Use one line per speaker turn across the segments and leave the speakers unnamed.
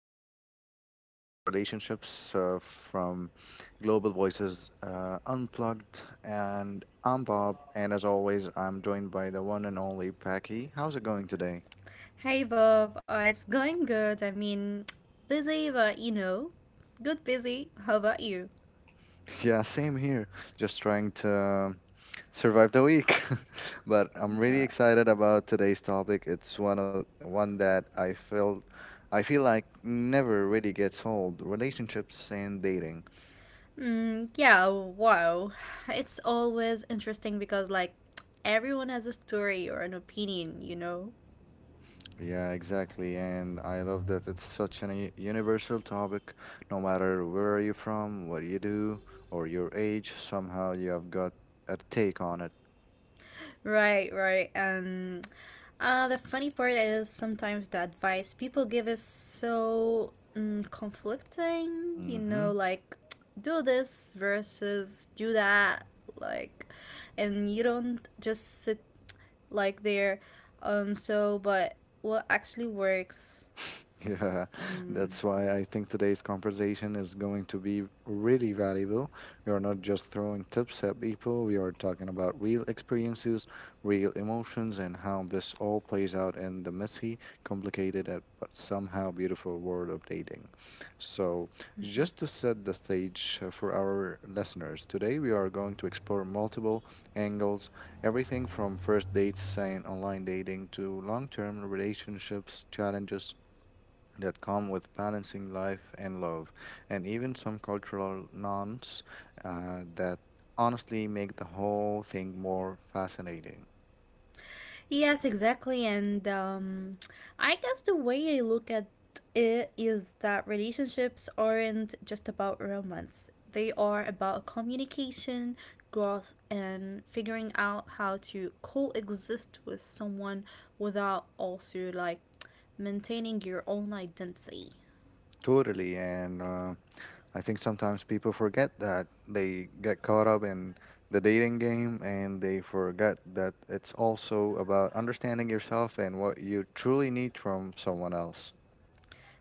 another episode of Peer Relationships from Global Voices Unplugged. And I'm Bob, and as always, I'm joined by the one and only Packy. How's it going today?
Hey Bob, it's going good. I mean, busy, but you know, good busy. How about you?
Yeah, same here. Just trying to survive the week. But I'm really
Uh,
excited about today's topic. It's one that I feel like never really gets old: relationships and dating.
yeah, wow. It's always interesting because, like, everyone has a story or an opinion, you know?
Yeah, exactly. And I love that it's such a universal topic. No matter where you're from, what you do, or your age, somehow you have got a take on it.
Right, right. The funny part is sometimes the advice people give is so conflicting, you know,
Hmm.
like do this versus do that, like, and you don't just sit like there. But what actually works?
Yeah,
Mm.
that's why I think today's conversation is going to be really valuable. We are not just throwing tips at people, we are talking about real experiences, real emotions, and how this all plays out in the messy, complicated, but somehow beautiful world of dating. So,
Mm-hmm.
just to set the stage for our listeners, today we are going to explore multiple angles, everything from first dates and online dating to long term relationships, challenges that come with balancing life and love, and even some cultural nuance that honestly make the whole thing more fascinating.
Yes, exactly. And I guess the way I look at it is that relationships aren't just about romance, they are about communication, growth, and figuring out how to coexist with someone without also like maintaining your own identity.
Totally, and I think sometimes people forget that they get caught up in the dating game and they forget that it's also about understanding yourself and what you truly need from someone else.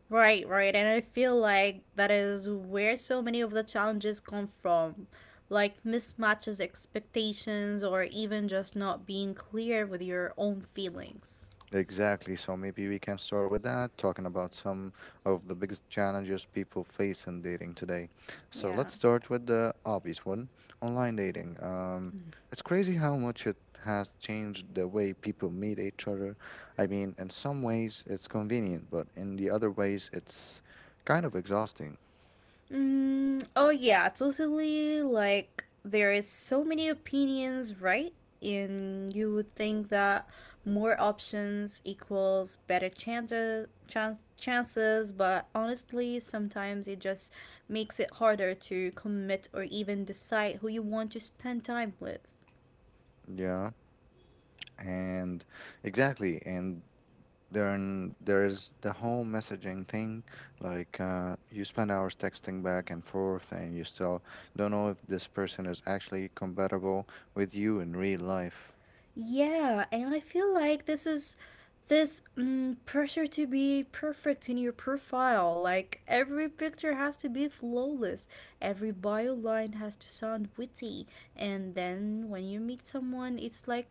Right, right. And I feel like that is where so many of the challenges come from. Like mismatches expectations or even just not being clear with your own feelings.
Exactly. So maybe we can start with that, talking about some of the biggest challenges people face in dating today. So
Yeah.
let's start with the obvious one, online dating. It's crazy how much it has changed the way people meet each other. I mean, in some ways it's convenient, but in the other ways it's kind of exhausting.
Oh yeah, totally. Like there is so many opinions, right? And you would think that more options equals better chances, chances, but honestly, sometimes it just makes it harder to commit or even decide who you want to spend time with.
Yeah. And exactly. And then there's the whole messaging thing, like you spend hours texting back and forth, and you still don't know if this person is actually compatible with you in real life.
Yeah, and I feel like this pressure to be perfect in your profile. Like every picture has to be flawless, every bio line has to sound witty, and then when you meet someone, it's like,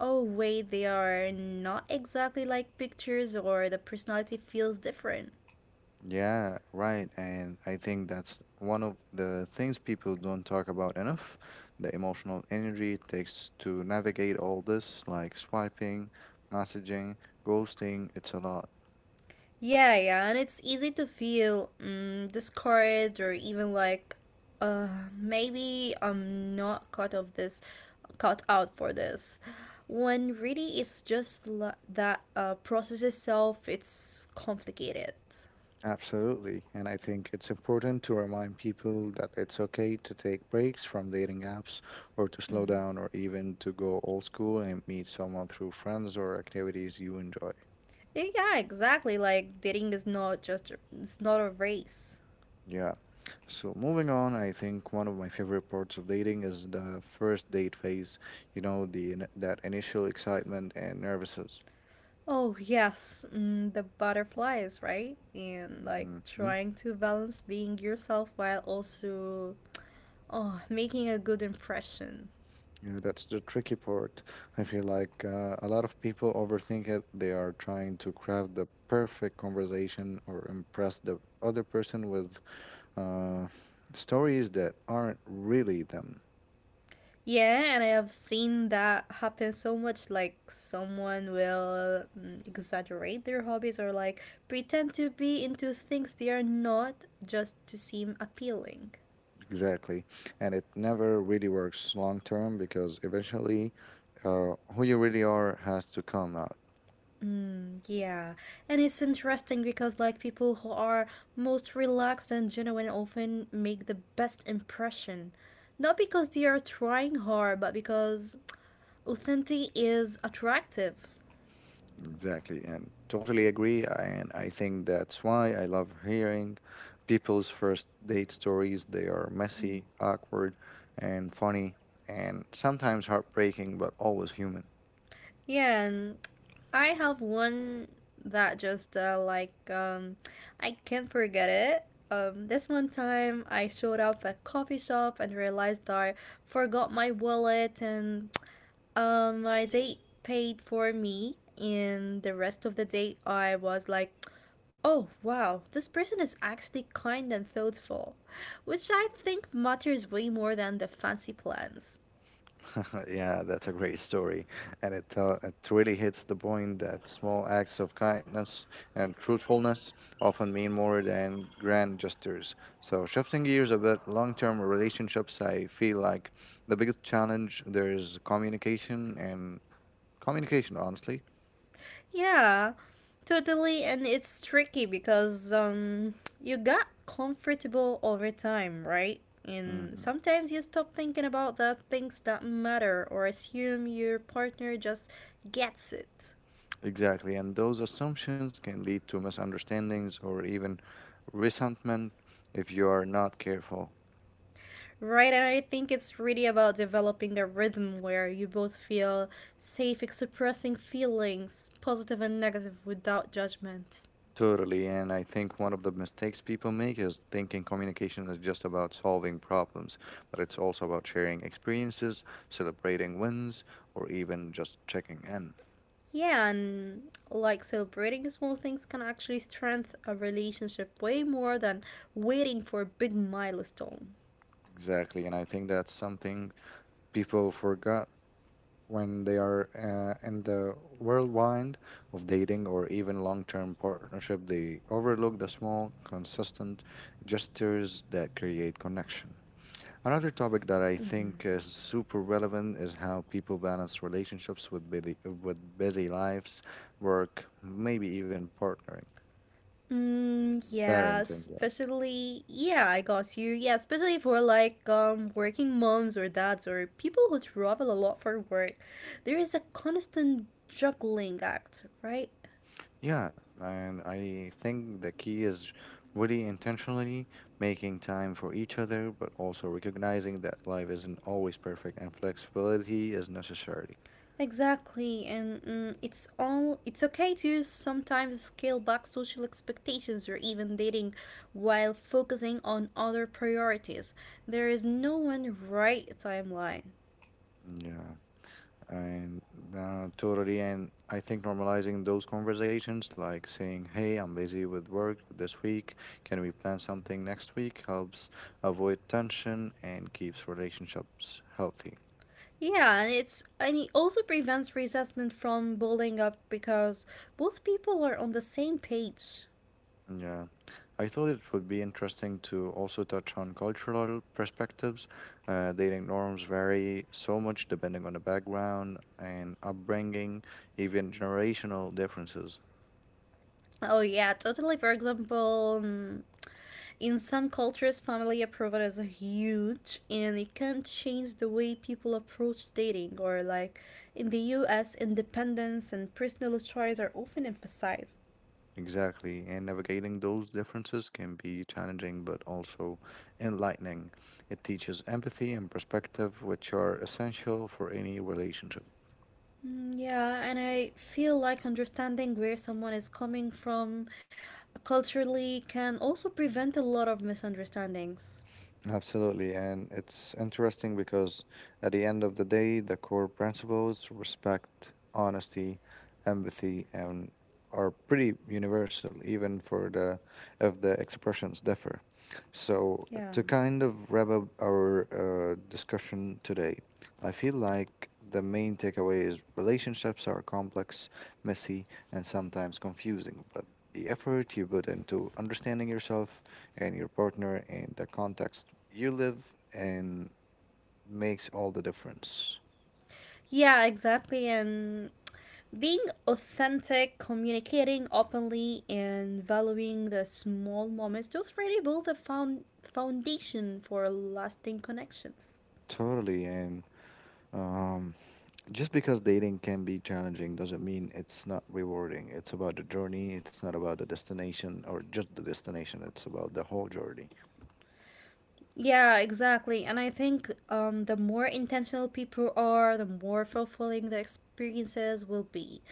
oh, wait, they are not exactly like pictures, or the personality feels different.
Yeah, right. And I think that's one of the things people don't talk about enough, the emotional energy it takes to navigate all this, like swiping, messaging, ghosting. It's a lot.
Yeah, yeah, and it's easy to feel discouraged or even like, maybe I'm not cut out for this. When really it's just la- that process itself, it's complicated.
Absolutely. And I think it's important to remind people that it's okay to take breaks from dating apps or to slow
Hmm.
down or even to go old school and meet someone through friends or activities you enjoy.
Yeah, exactly. Like dating is not just a, it's not a race.
Yeah. So moving on, I think one of my favorite parts of dating is the first date phase, you know, the that initial excitement and nervousness.
Oh yes, the butterflies, right? And like
Mhm.
trying to balance being yourself while also Oh, making a good impression.
Yeah, that's the tricky part. I feel like a lot of people overthink it. They are trying to craft the perfect conversation or impress the other person with uh, stories that aren't really them.
Yeah, and I have seen that happen so much. Like, someone will exaggerate their hobbies or like pretend to be into things they are not just to seem appealing.
Exactly. And it never really works long term because eventually who you really are has to come out.
Yeah, and it's interesting because, like, people who are most relaxed and genuine often make the best impression. Not because they are trying hard, but because authenticity is attractive.
Exactly, and totally agree. And I think that's why I love hearing people's first date stories. They are
Mm.
messy, awkward, and funny, and sometimes heartbreaking, but always human.
Yeah, and I have one that just like I can't forget it. This one time I showed up at a coffee shop and realized I forgot my wallet and my date paid for me. And the rest of the day I was like, oh wow, this person is actually kind and thoughtful, which I think matters way more than the fancy plans.
Yeah, that's a great story. And it really hits the point that small acts of kindness and truthfulness often mean more than grand gestures. So, shifting gears a bit, long term relationships, I feel like the biggest challenge there is communication and communication, honestly.
Yeah, totally. And it's tricky because you got comfortable over time, right? And
Hmm.
sometimes you stop thinking about the things that matter or assume your partner just gets it.
Exactly. And those assumptions can lead to misunderstandings or even resentment if you are not careful.
Right, and I think it's really about developing a rhythm where you both feel safe expressing feelings, positive and negative, without judgment.
Totally. And I think one of the mistakes people make is thinking communication is just about solving problems, but it's also about sharing experiences, celebrating wins, or even just checking in.
Yeah, and like celebrating small things can actually strengthen a relationship way more than waiting for a big milestone.
Exactly. And I think that's something people forgot when they are in the whirlwind of dating or even long term partnership, they overlook the small, consistent gestures that create connection. Another topic that I
Mhm.
think is super relevant is how people balance relationships with busy lives, work, maybe even partnering and
Yeah,
parenting. Yeah,
especially yeah, I got you. Yeah, especially for like working moms or dads or people who travel a lot for work. There is a constant juggling act, right?
Yeah, and I think the key is really intentionally making time for each other, but also recognizing that life isn't always perfect and flexibility is necessary.
Exactly, and it's okay to sometimes scale back social expectations or even dating while focusing on other priorities. There is no one right timeline.
Yeah, and totally. And I think normalizing those conversations, like saying, "Hey, I'm busy with work this week, can we plan something next week," helps avoid tension and keeps relationships healthy.
Yeah, and it also prevents resentment from building up because both people are on the same page.
Yeah, I thought it would be interesting to also touch on cultural perspectives. Dating norms vary so much depending on the background and upbringing, even generational differences.
Oh yeah, totally. For example, in some cultures, family approval is a huge and it can change the way people approach dating, or like in the US, independence and personal choice are often emphasized.
Exactly, and navigating those differences can be challenging but also enlightening. It teaches empathy and perspective, which are essential for any relationship.
Yeah, and I feel like understanding where someone is coming from culturally can also prevent a lot of misunderstandings.
Absolutely, and it's interesting because at the end of the day, the core principles, respect, honesty, empathy, and are pretty universal, even for the if the expressions differ. So
Yeah.
to kind of wrap up our discussion today, I feel like the main takeaway is relationships are complex, messy, and sometimes confusing, but the effort you put into understanding yourself and your partner and the context you live and makes all the difference.
Yeah, exactly. And Being authentic, communicating openly, and valuing the small moments, those really build the foundation for lasting connections.
Totally. And um, just because dating can be challenging doesn't mean it's not rewarding. It's about the journey, it's not about the destination, or just the destination, it's about the whole journey.
Yeah, exactly. And I think the more intentional people are, the more fulfilling their experiences will be.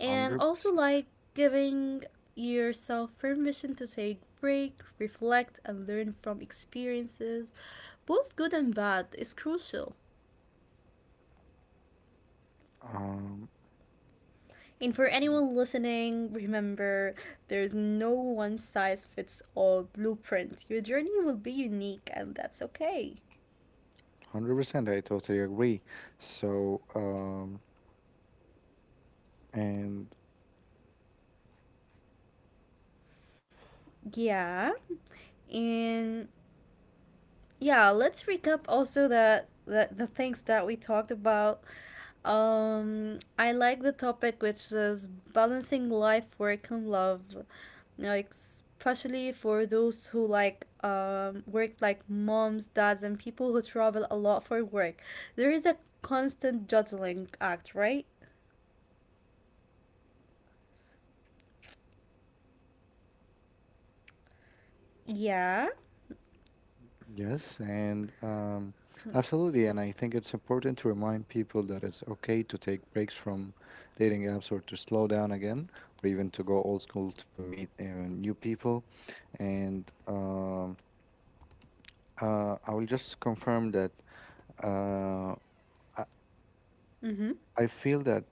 And also,
100%.
like giving yourself permission to take break, reflect, and learn from experiences, both good and bad, is crucial.
um,
And for
yeah,
anyone listening, remember there's no one size fits all blueprint. Your journey will be unique, and that's okay.
100%, I totally agree. So um, and
Yeah. And yeah, let's recap also that the things that we talked about. I like the topic which is balancing life, work, and love. Like especially for those who like works like moms, dads, and people who travel a lot for work. There is a constant juggling act, right? Yeah.
Yes, and absolutely. And I think it's important to remind people that it's okay to take breaks from dating apps or to slow down again, or even to go old school to meet new people. And I will just confirm that uh, I,
Mm-hmm.
I feel that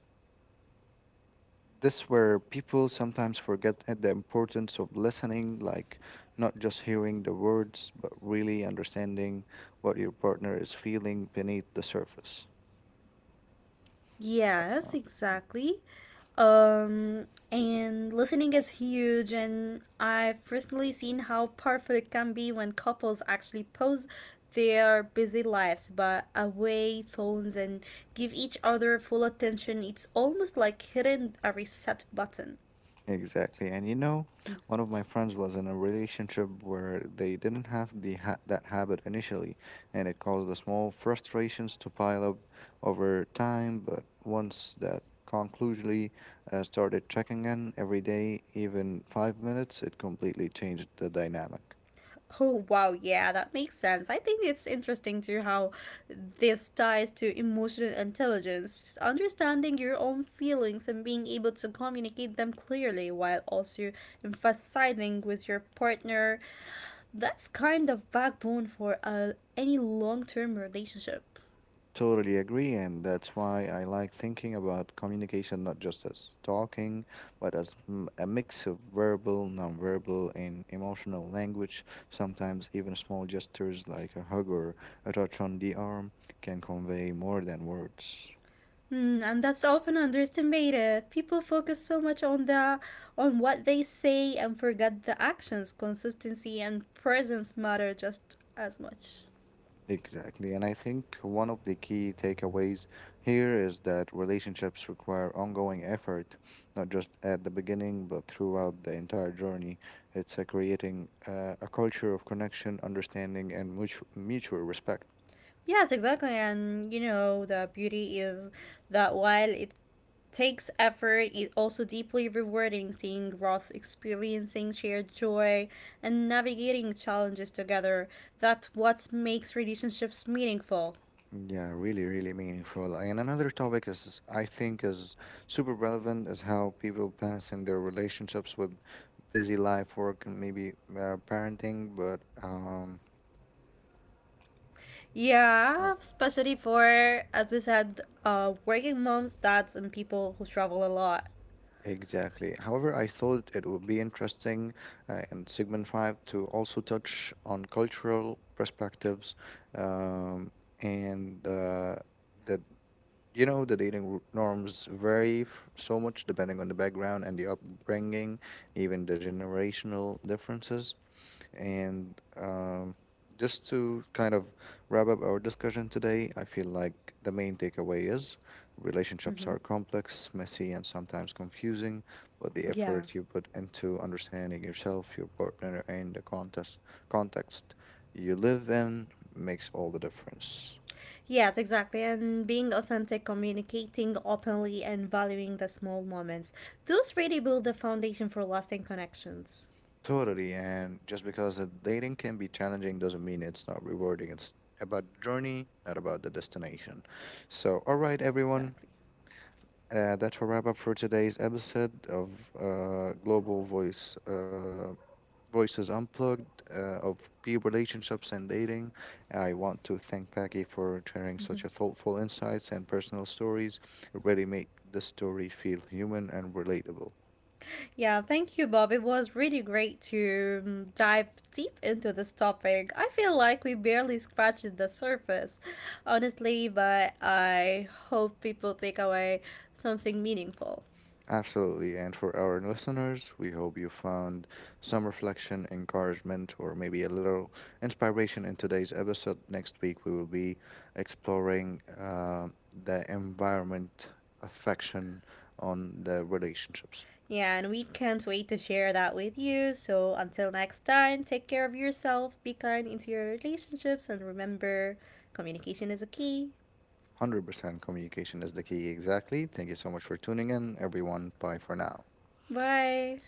this where people sometimes forget at the importance of listening, like not just hearing the words, but really understanding what your partner is feeling beneath the surface.
Yes,
Uh,
exactly. And listening is huge, and I've personally seen how powerful it can be when couples actually pose their busy lives but away phones and give each other full attention. It's almost like hitting a reset button.
Exactly. And you know, one of my friends was in a relationship where they didn't have the that habit initially, and it caused the small frustrations to pile up over time. But once that conclusively started checking in every day, even 5 minutes, it completely changed the dynamic.
Oh, wow. Yeah, that makes sense. I think it's interesting too how this ties to emotional intelligence, understanding your own feelings and being able to communicate them clearly while also emphasizing with your partner. That's kind of backbone for any long-term relationship.
Totally agree, and that's why I like thinking about communication not just as talking, but as a mix of verbal, nonverbal, and emotional language. Sometimes even small gestures like a hug or a touch on the arm can convey more than words.
Mm, and that's often underestimated. People focus so much on the on what they say and forget the actions. Consistency and presence matter just as much.
Exactly. And I think one of the key takeaways here is that relationships require ongoing effort, not just at the beginning, but throughout the entire journey. It's creating a culture of connection, understanding, and mutual respect.
Yes, exactly. And you know, the beauty is that while it takes effort, it also deeply rewarding seeing growth, experiencing shared joy, and navigating challenges together. That's what makes relationships meaningful.
Yeah, really, really meaningful. And another topic is, I think, is super relevant is how people balance in their relationships with busy life, work, and maybe parenting. But
Yeah, especially for, as we said, working moms, dads, and people who travel a lot.
Exactly. However, I thought it would be interesting in segment 5 to also touch on cultural perspectives um, and that, you know, the dating norms vary so much depending on the background and the upbringing, even the generational differences. And just to kind of wrap up our discussion today, I feel like the main takeaway is
Mm-hmm.
relationships are complex, messy, and sometimes confusing, but the
Yeah.
effort you put into understanding yourself, your partner, and context you live in makes all the difference.
Yes, exactly. And being authentic, communicating openly, and valuing the small moments. Those really build the foundation for lasting connections.
Totally. And just because the dating can be challenging doesn't mean it's not rewarding. It's about the journey, not about the destination. So, all right,
Yes,
everyone,
exactly.
That's a wrap up for today's episode of Global Voice Voices Unplugged of peer relationships and dating. I want to thank Peggy for sharing such a thoughtful insights and personal stories. It really made the story feel human and relatable.
Yeah, thank you, Bob. It was really great to dive deep into this topic. I feel like we barely scratched the surface, honestly, but I hope people take away something meaningful.
Absolutely. And for our listeners, we hope you found some reflection, encouragement, or maybe a little inspiration in today's episode. Next week, we will be exploring the environment affection on the relationships.
Yeah, and we can't wait to share that with you. So until next time, take care of yourself, be kind into your relationships, and remember communication is a key.
100% communication is the key. Exactly. Thank you so much for tuning in, everyone. Bye for now.
Bye.